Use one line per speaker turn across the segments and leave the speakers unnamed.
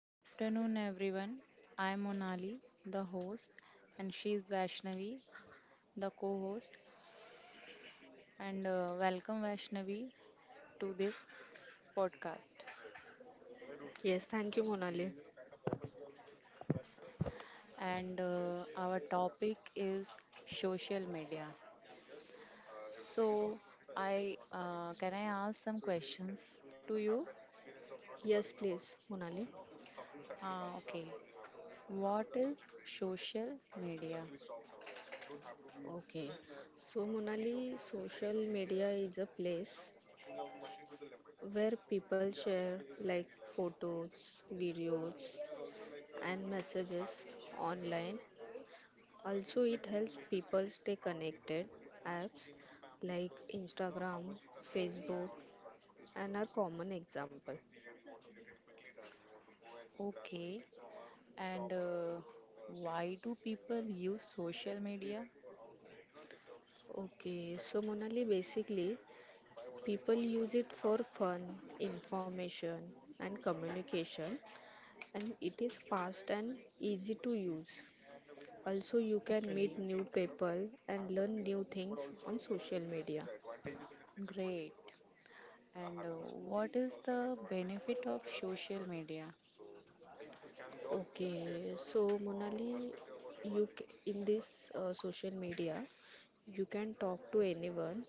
Good afternoon, everyone. I am Monali, the host, and she is Vaishnavi, the co host. And Welcome, Vaishnavi, to this podcast.
Yes, thank you, Monali.
And Our topic is social media. So, I can I ask some questions to you?
Yes, please, Monali.
Okay. What is social media?
Okay. So, Monali, social media is a place where people share like photos, videos, and messages online. Also, it helps people stay connected. Apps like Instagram, Facebook, and are common example.
Okay. And Why do people use social media?
Okay, so Monali basically people use it for fun, information and communication and it is fast and easy to use. Also you can
Okay.
meet new people and learn new things on social media.
Great. And What is the benefit of social media?
Okay, so Monali, in this social media, you can talk to anyone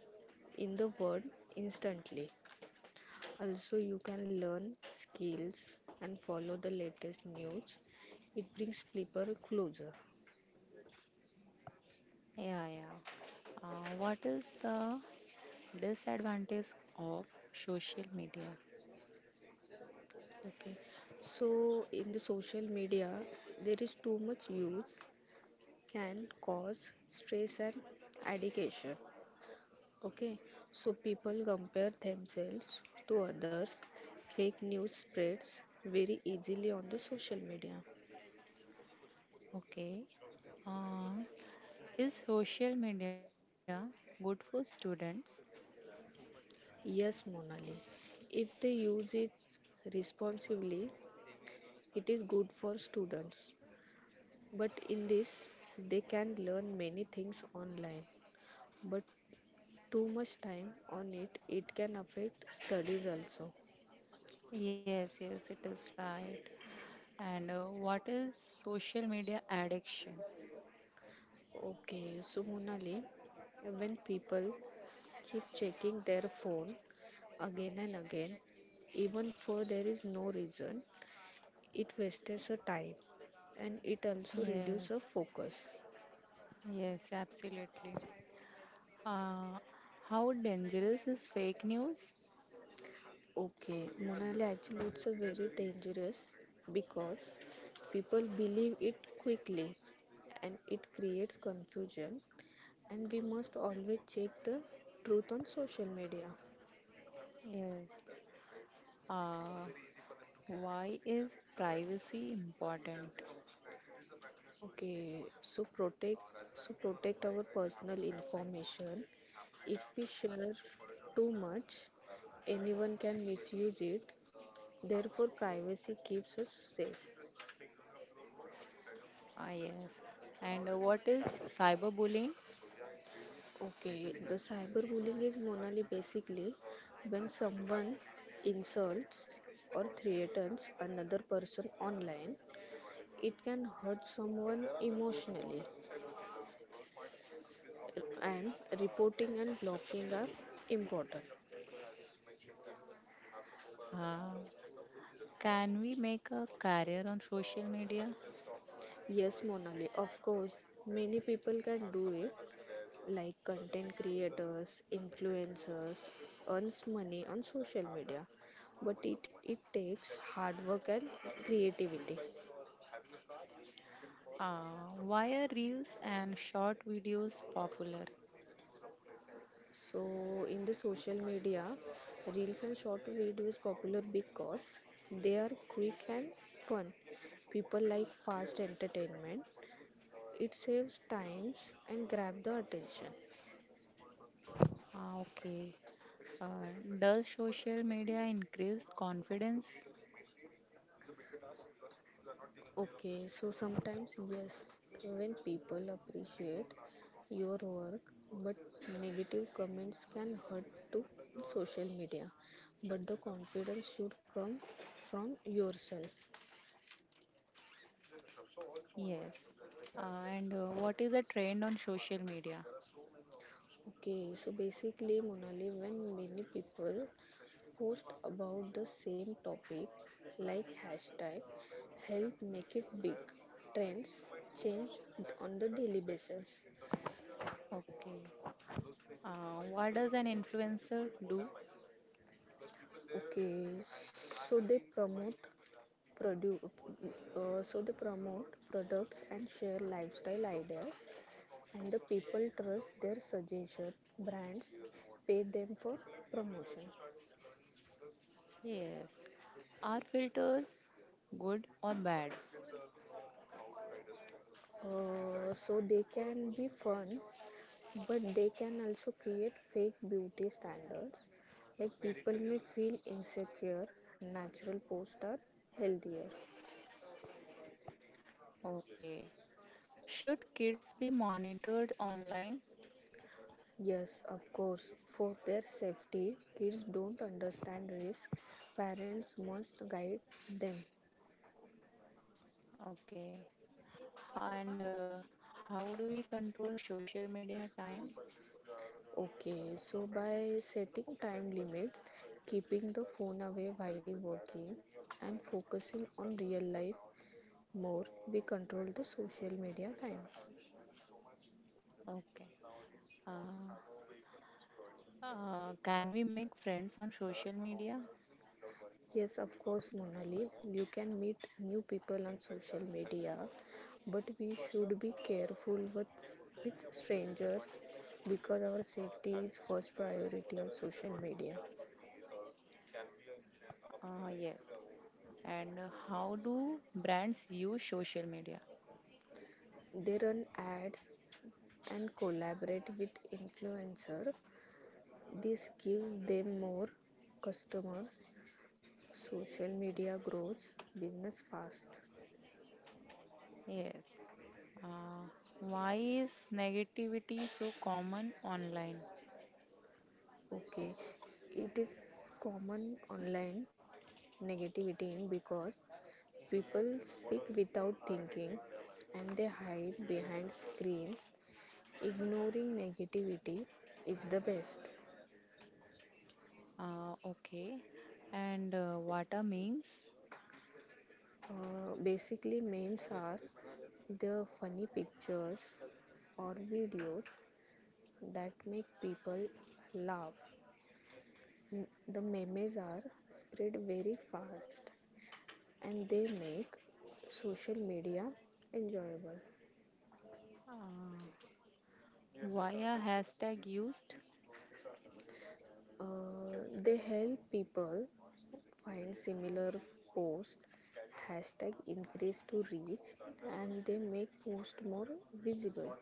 in the world instantly. Also, you can learn skills and follow the latest news. It brings people closer.
Yeah, yeah. What is the disadvantage of social media?
Okay. So, in the social media, there is too much use can cause stress and addiction. Okay. So, people compare themselves to others. Fake news spreads very easily on the social media.
Okay. Uh, is social media good for students?
Yes, Monali. If they use it responsibly, it is good for students. But in this, they can learn many things online. But too much time on it, it can affect studies also.
Yes, yes, it is right. And What is social media addiction?
Okay, so Monali, when people keep checking their phone again and again, even for there is no reason, it wastes a time and it also reduces a
Yes,
focus.
yes, absolutely. Uh, how dangerous is fake news?
Okay, Monali, actually, it's a very dangerous because people believe it quickly and it creates confusion. And we must always check the truth on social media.
Yes. Uh, why is privacy important?
Okay, so protect our personal information. If we share too much, anyone can misuse it. Therefore, privacy keeps us safe.
Ah, yes. And What is cyberbullying?
Okay, the cyberbullying is Monali basically when someone insults or threatens another person online. It can hurt someone emotionally, and reporting and blocking are important.
Uh, can we make a career on social media?
Yes, Monali, of course, many people can do it, like content creators, influencers, earns money on social media, but it takes hard work and creativity.
Why are reels and short videos popular?
So, in the social media, reels and short videos popular because they are quick and fun. People like fast entertainment. It saves times and grab the attention.
Ah, okay. Uh, does social media increase confidence?
Okay, so sometimes yes, when people appreciate your work, but negative comments can hurt to social media. But the confidence should come from yourself.
Yes. And What is a trend on social media?
Okay, so basically, Monali, when many people post about the same topic, like hashtag help make it big, trends change on the daily basis.
Okay. What does an influencer do?
Okay, so they produce, promote products and share lifestyle ideas, and the people trust their suggestion. Brands pay them for promotion.
Yes. Are filters good or bad?
So they can be fun but they can also create fake beauty standards like people may feel insecure. Natural posts are healthier.
Okay. Should kids be monitored online?
Yes, of course, for their safety, kids don't understand risk, parents must guide them.
Okay. And How do we control social media time?
Okay, so by setting time limits, keeping the phone away while working and focusing on real life more, we control the social media time.
Okay. Uh, can we make friends on social media?
Yes, of course, Monali. You can meet new people on social media, but we should be careful with strangers because our safety is first priority on social media.
Yes. And How do brands use social media?
They run ads and collaborate with influencer. This gives them more customers. Social media grows business fast.
Yes. Uh, why is negativity so common online?
Okay, it is common online negativity in because people speak without thinking and they hide behind screens. Ignoring negativity is the best.
Okay. And What are memes?
Basically memes are the funny pictures or videos that make people laugh. The memes are spread very fast and they make social media enjoyable.
Uh, why a hashtag used?
They help people find similar posts, hashtag increase to reach, and they make post more visible.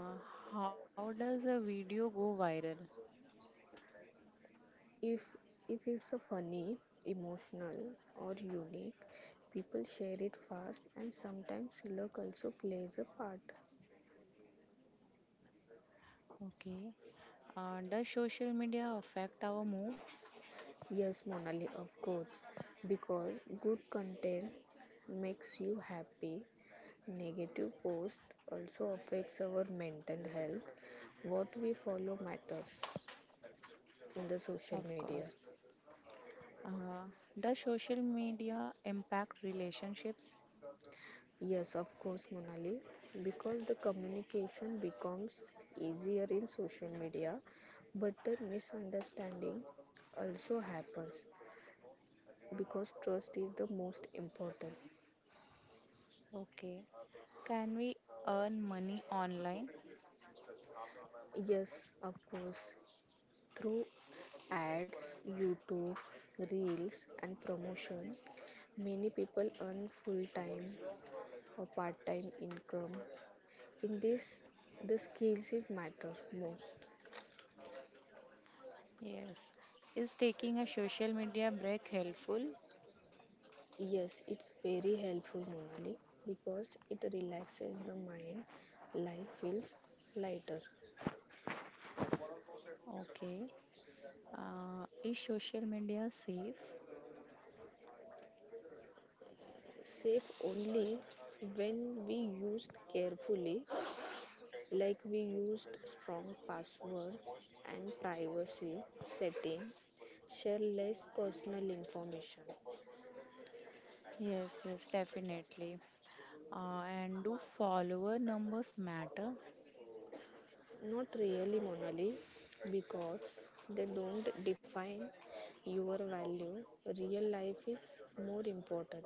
Uh, how does a video go viral?
If if it's a funny, emotional, or unique, people share it fast, and sometimes luck also plays a part.
Okay. Does social media affect our mood?
Yes, Monali, of course, because good content makes you happy. Negative post also affects our mental health. What we follow matters in the social
Of
media.
course. Uh, does social media impact relationships?
Yes, of course, Monali, because the communication becomes easier in social media, but the misunderstanding also happens because trust is the most important.
Okay. Can we earn money online?
Yes, of course, through ads, YouTube, reels, and promotion, many people earn full time or part-time income. In this the skills is matter most.
Yes. Is taking a social media break helpful?
Yes, it's very helpful Monali, because it relaxes the mind, life feels lighter.
Okay. Is social media safe?
Safe only when we used carefully, like we used strong password and privacy setting, share less personal information.
Yes, yes, definitely. And do follower numbers matter?
Not really, Monali, because they don't define your value. Real life is more important.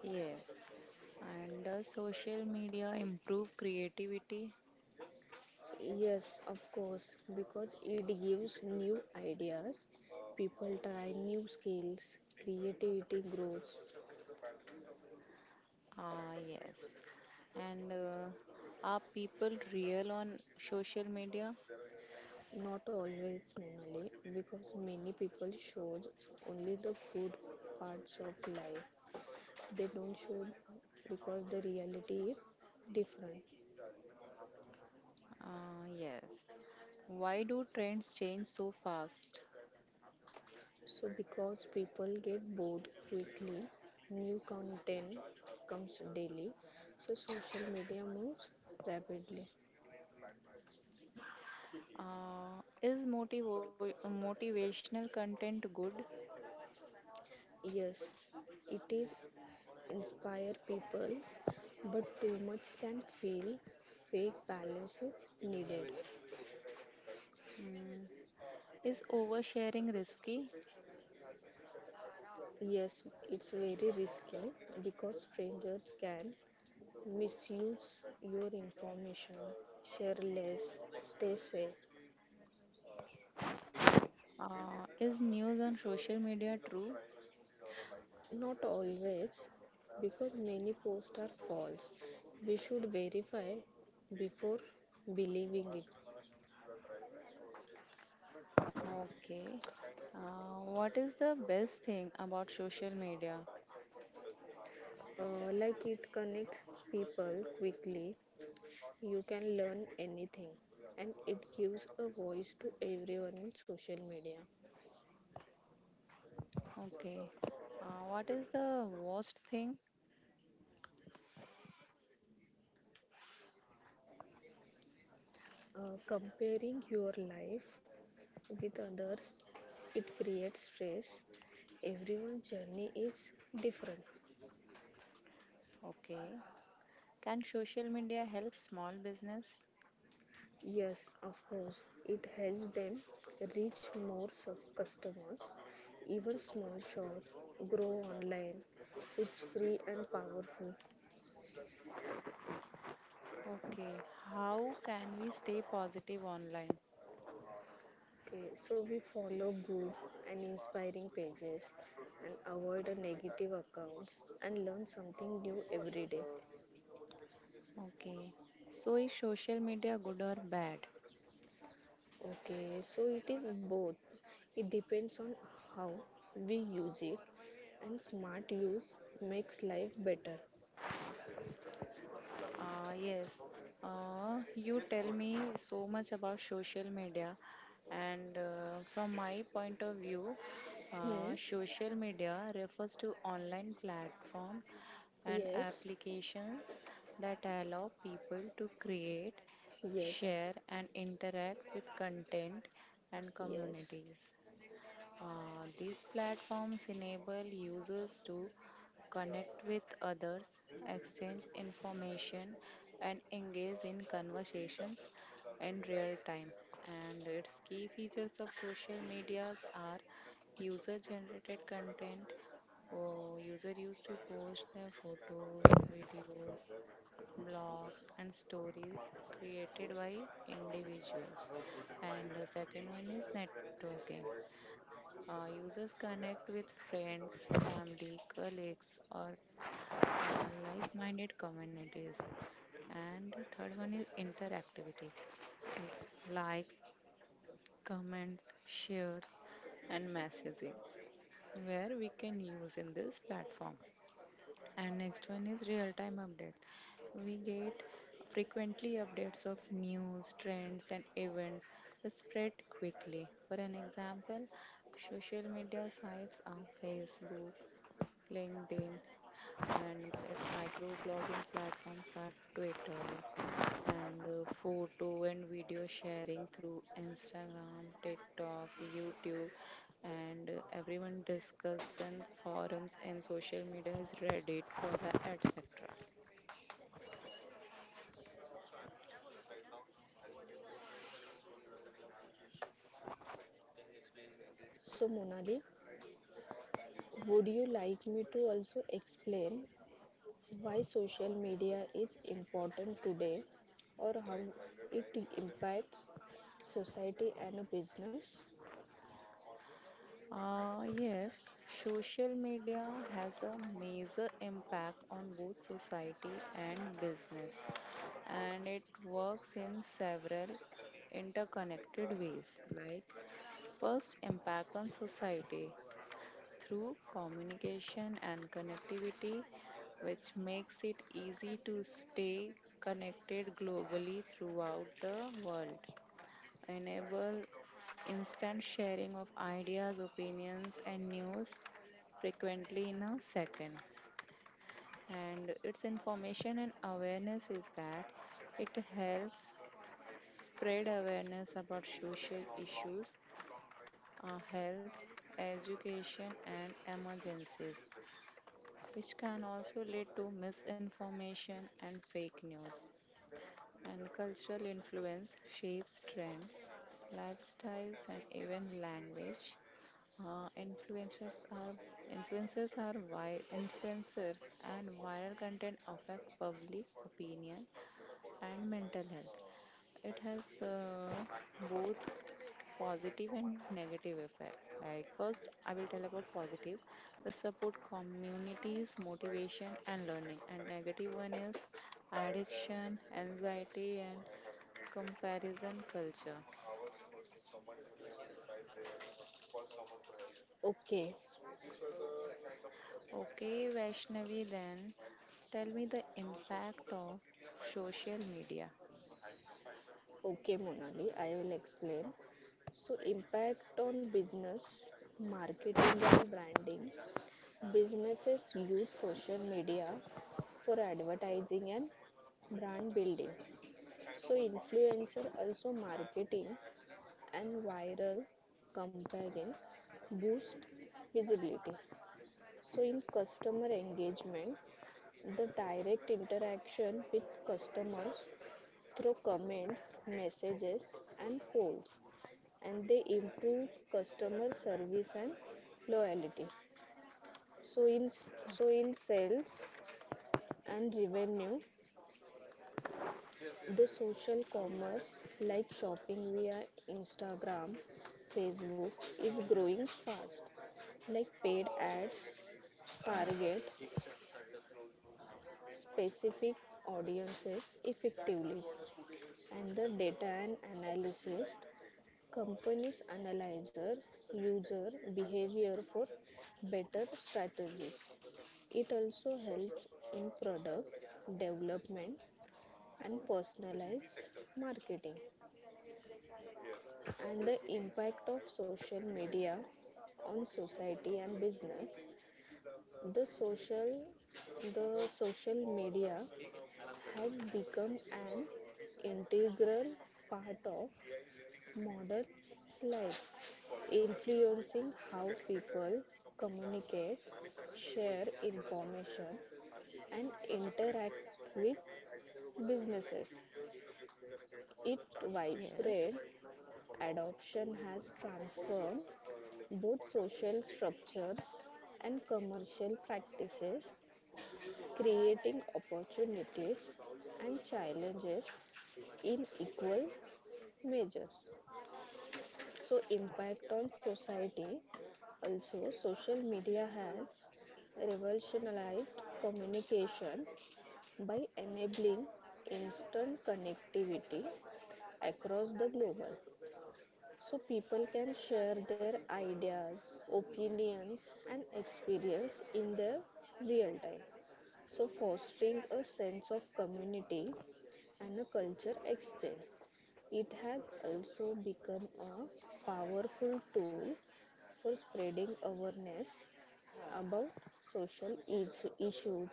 Yes. And does social media improve creativity?
Yes, of course, because it gives new ideas. People try new skills, creativity grows.
Ah, yes. And Are people real on social media?
Not always, Monali, because many people show only the good parts of life. They don't show because the reality is different.
Ah, yes. Why do trends change so fast?
So, because people get bored quickly, new content comes daily, so social media moves rapidly.
Is motivational content good?
Yes, it is inspire people, but too much can feel fake. Balance is needed.
Mm. Is oversharing risky?
Yes, it's very risky because strangers can misuse your information. Share less, stay safe.
Is news on social media true?
Not always, because many posts are false. We should verify before believing it.
Okay. What is the best thing about social media?
Like it connects people quickly, you can learn anything, and it gives a voice to everyone in social media.
Okay. What is the worst thing?
Comparing your life with others, it creates stress. Everyone's journey is different.
Okay. Can social media help small business?
Yes, of course. It helps them reach more customers. Even small shops grow online. It's free and powerful.
Okay. How can we stay positive online?
Okay, so we follow good and inspiring pages and avoid the negative accounts and learn something new every day.
Okay. So is social media good or bad?
Okay, so it is both. It depends on how we use it, and smart use makes life better.
Uh, yes, you tell me so much about social media, and from my point of view,
Hmm.
social media refers to online platform and
Yes,
applications that allow people to create,
yes.
share, and interact with content and
Yes.
communities. These platforms enable users to connect with others, exchange information, and engage in conversations in real time. And its key features of social medias are user generated content. Oh, user used to post their photos, videos, blogs and stories created by individuals, and the second one is networking. Users connect with friends, family, colleagues, or like minded communities. And the third one is interactivity, like likes, comments, shares, and messaging, where we can use in this platform. And next one is real time updates. We get frequently updates of news, trends, and events that spread quickly. For an example, social media sites are Facebook, LinkedIn, and its microblogging platforms are Twitter, and photo and video sharing through Instagram, TikTok, YouTube, and everyone discussion forums and social media is Reddit, Quora, etc.
So, Monali, would you like me to also explain why social media is important today or how it impacts society and a business?
Uh, yes, social media has a major impact on both society and business, and it works in several interconnected ways. Like, first, impact on society. Through communication and connectivity, which makes it easy to stay connected globally throughout the world. Enable Instant sharing of ideas, opinions, and news frequently in a second. And its information and awareness is that it helps spread awareness about social issues, health, education, and emergencies, which can also lead to misinformation and fake news. And cultural influence shapes trends, lifestyles, and even language. Uh, influencers are Influencers and viral content affect public opinion and mental health. It has both positive and negative effect. Like first, I will tell about positive, the support communities, motivation and learning, and negative one is addiction, anxiety and comparison culture.
Okay,
Okay, Vaishnavi, then tell me the impact of social media.
okay, Monali, I will explain. So, impact on business, marketing, and branding. Businesses use social media for advertising and brand building. So, influencer also marketing and viral campaign boost visibility. So, in customer engagement, the direct interaction with customers through comments, messages, and polls, and they improve customer service and loyalty. So, in so, in sales and revenue, the social commerce like shopping via Instagram, Facebook is growing fast, like paid ads target specific audiences effectively. And the data and analysis, companies analyzer user behavior for better strategies. It also helps in product development and personalized marketing. And the impact of social media on society and business, the social the social media has become an integral part of modern life, influencing how people communicate, share information, and interact with businesses. Its widespread
Yes.
adoption has transformed both social structures and commercial practices, creating opportunities and challenges in equal measures. So impact on society, also social media has revolutionized communication by enabling instant connectivity across the globe. So people can share their ideas, opinions and experience in their real time, so fostering a sense of community and a culture exchange. It has also become a powerful tool for spreading awareness about social issues,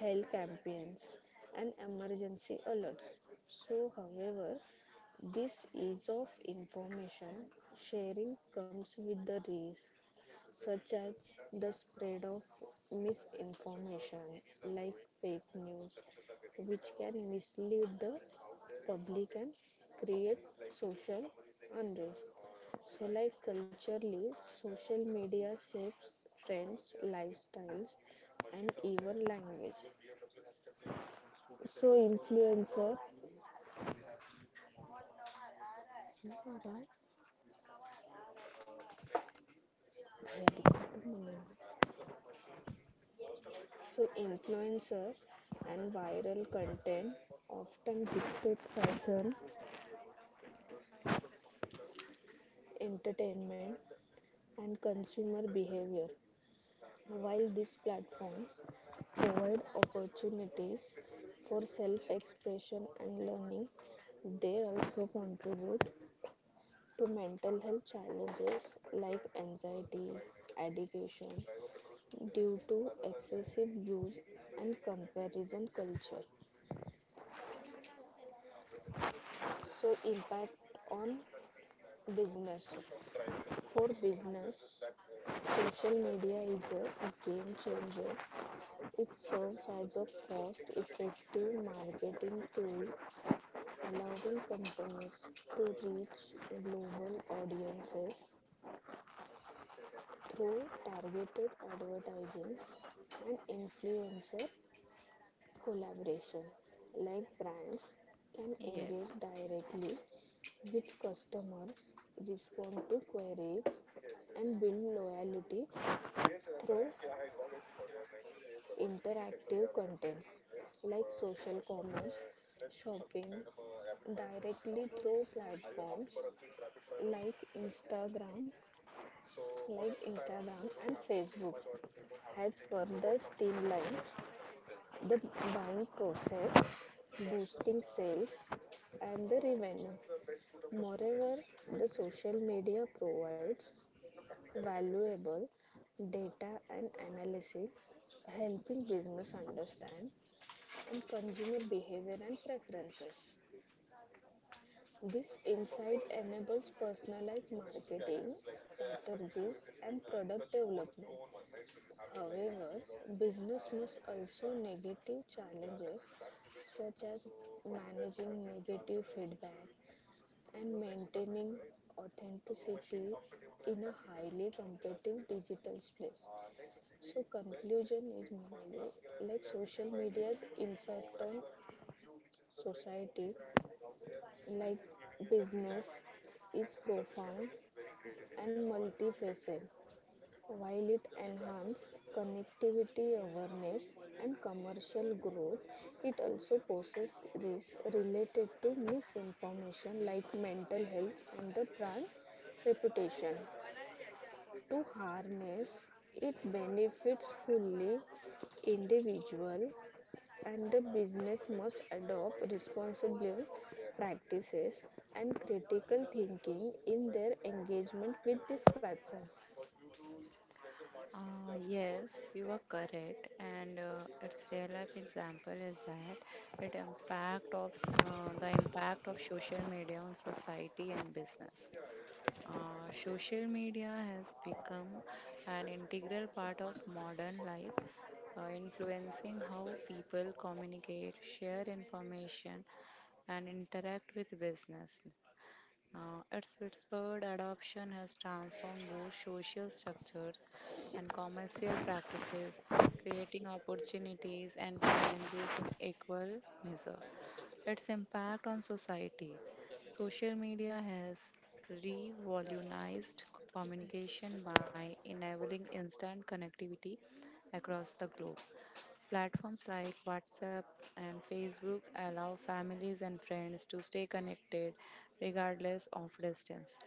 health campaigns, and emergency alerts. So, however, this ease of information sharing comes with the risk such as the spread of misinformation like fake news, which can mislead the public and create social unrest. So, like culturally, social media shapes trends, lifestyles, and even language. So, influencer. So, influencer and viral content often dictate fashion, entertainment, and consumer behavior. While these platforms provide opportunities for self expression and learning, they also contribute to mental health challenges like anxiety, addiction due to excessive use and comparison culture. So, impact on business. For business, social media is a game changer. It serves as a cost-effective marketing tool, allowing companies to reach global audiences through targeted advertising and influencer collaboration. Like brands
Yes.
can engage directly with customers, respond to queries, and build loyalty through interactive content like social commerce, shopping, directly through platforms like Instagram, like Instagram and Facebook has further streamlined the buying process, boosting sales and the revenue. Moreover, the social media provides valuable data and analytics, helping business understand and consumer behavior and preferences. This insight enables personalized marketing strategies and product development. However, business must also negative challenges such as managing negative feedback and maintaining authenticity in a highly competitive digital space. So conclusion is mainly like social media's impact on society like business is profound and multifaceted. While it enhances connectivity awareness and commercial growth, it also poses risks related to misinformation like mental health and the brand reputation. To harness it benefits fully, individual and the business must adopt responsible practices and critical thinking in their engagement with this platform.
Yes, you are correct, and its real life example is that it impact of s- the impact of social media on society and business. Social media has become an integral part of modern life, influencing how people communicate, share information, and interact with business. At Pittsburgh, adoption has transformed both social structures and commercial practices, creating opportunities and challenges in equal measure. Its impact on society. Social media has revolutionized communication by enabling instant connectivity across the globe. Platforms like WhatsApp and Facebook allow families and friends to stay connected regardless of distance.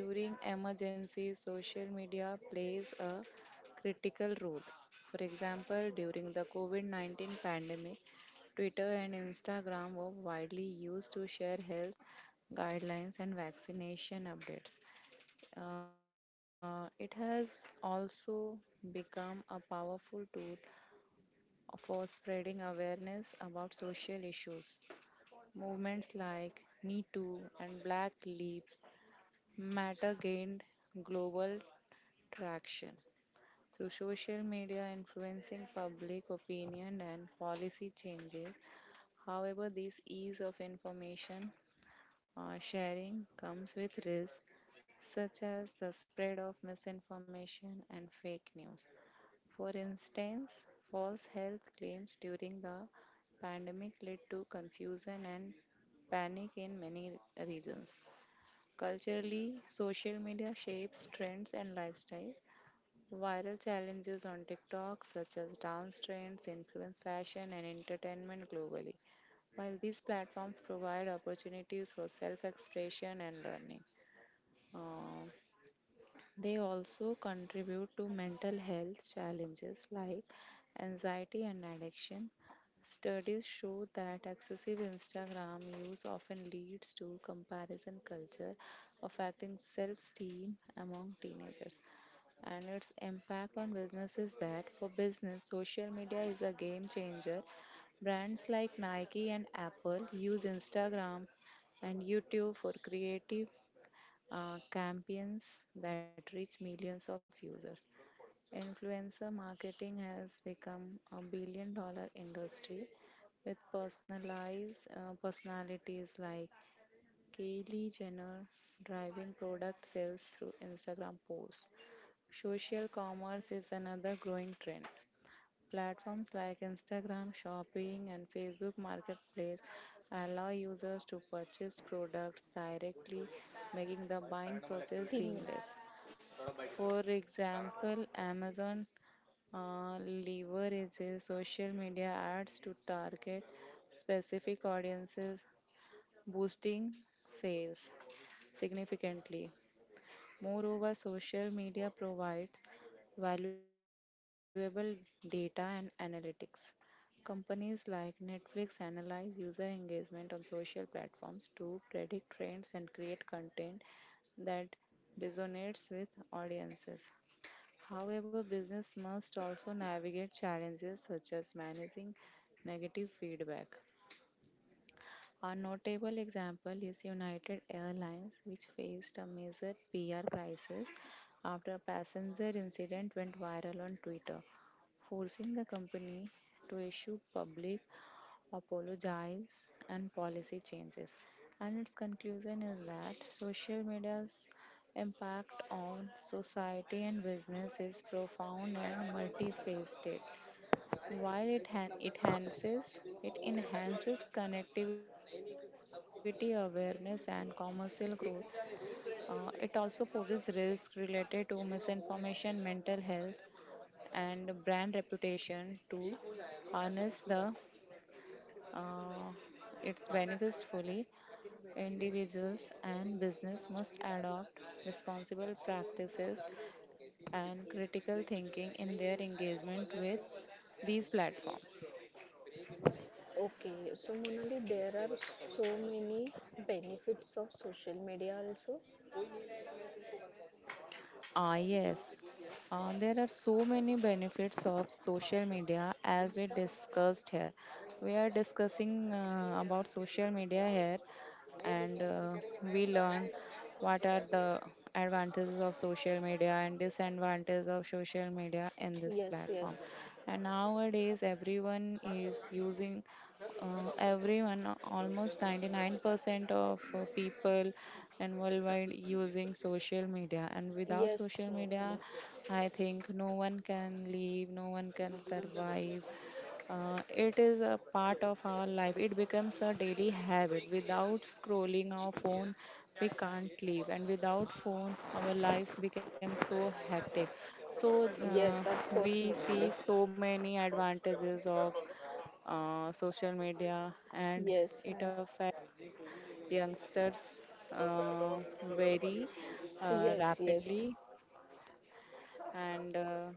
During emergencies, social media plays a critical role. For example, during the COVID 19 pandemic, Twitter and Instagram were widely used to share health guidelines and vaccination updates. It has also become a powerful tool for spreading awareness about social issues. Movements like Me Too and Black Lives Matter gained global traction through social media influencing public opinion and policy changes. However, this ease of information sharing comes with risks such as the spread of misinformation and fake news. For instance, false health claims during the pandemic led to confusion and panic in many regions. Culturally, social media shapes trends and lifestyles. Viral challenges on TikTok, such as dance trends, influence fashion and entertainment globally. While these platforms provide opportunities for self expression and learning, uh, they also contribute to mental health challenges like anxiety and addiction. Studies show that excessive Instagram use often leads to comparison culture, affecting self esteem among teenagers. And its impact on business is that for business, social media is a game changer. Brands like Nike and Apple use Instagram and YouTube for creative campaigns that reach millions of users. Influencer marketing has become a billion dollar industry with personalized personalities like Kylie Jenner driving product sales through Instagram posts. Social commerce is another growing trend. Platforms like Instagram Shopping and Facebook Marketplace allow users to purchase products directly, making the buying process
तीन minute
seamless. For example, Amazon uh, leverages social media ads to target specific audiences, boosting sales significantly. Moreover, social media provides valuable data and analytics. Companies like Netflix analyze user engagement on social platforms to predict trends and create content that resonates with audiences. However, business must also navigate challenges such as managing negative feedback. A notable example is United Airlines, which faced a major PR crisis after a passenger incident went viral on Twitter, forcing the company to issue public apologies and policy changes. And its conclusion is that social media's impact on society and business is profound and multifaceted. While it enhances connectivity awareness and commercial growth,
एक हो जाने
it
दो इसके
also poses
साथ।
risks related to
ये लोग का हो
misinformation,
गया है
mental health, and brand reputation. To
एक हो जाए दो
harness
खाली उसके
the
बाद करो।
uh, its
पता है अरे
benefits
फिर वो
fully,
ये अकेली बैठी रहेगी इसीलिए और
individuals
मैंने
and
इन लोग का नाम
business
ऑलरेडी
must
डाल दिया ऑन
adopt responsible
गोइंग में नाम डाल
practices
दिया दोनों का इसीलिए
and critical thinking in
नहीं
their
नहीं अरे
engagement with
बैलेंस नहीं है
these platforms.
एक इन लोग। Okay, so Monali, there are so many benefits of social media also. कोई नहीं रहेगा मैं तुमको बंदा दूंगा।
Ah, yes.
Yes.
There are so many benefits of social media as we discussed here. We are discussing about social media here and we learn what are the advantages of social media and disadvantages of social media in this
yes.
platform. And nowadays, everyone is using everyone almost 99% of people in worldwide using social media, and without
yes
social
Monali.
media I think no one can live, no one can survive. It is a part of our life. It becomes a daily habit. Without scrolling our phone we can't live, and without phone our life becomes so hectic. So
yes of course
we see
मोनाली।
so many advantages of social media, and
yes
it affects
right.
youngsters uh, very
yes yes.
rapidly. And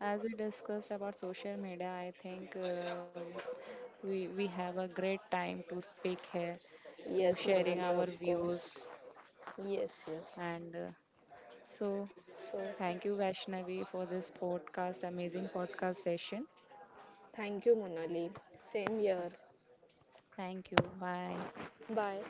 As we discussed about social media, I think we have a great time to speak here, to
yes
sharing
Monali
our
of course.
views,
yes yes.
and so
so.
thank you Vaishnavi for this podcast, amazing podcast session.
Thank you Monali. Same
Okay.
Year.
Thank you. Bye.
Bye.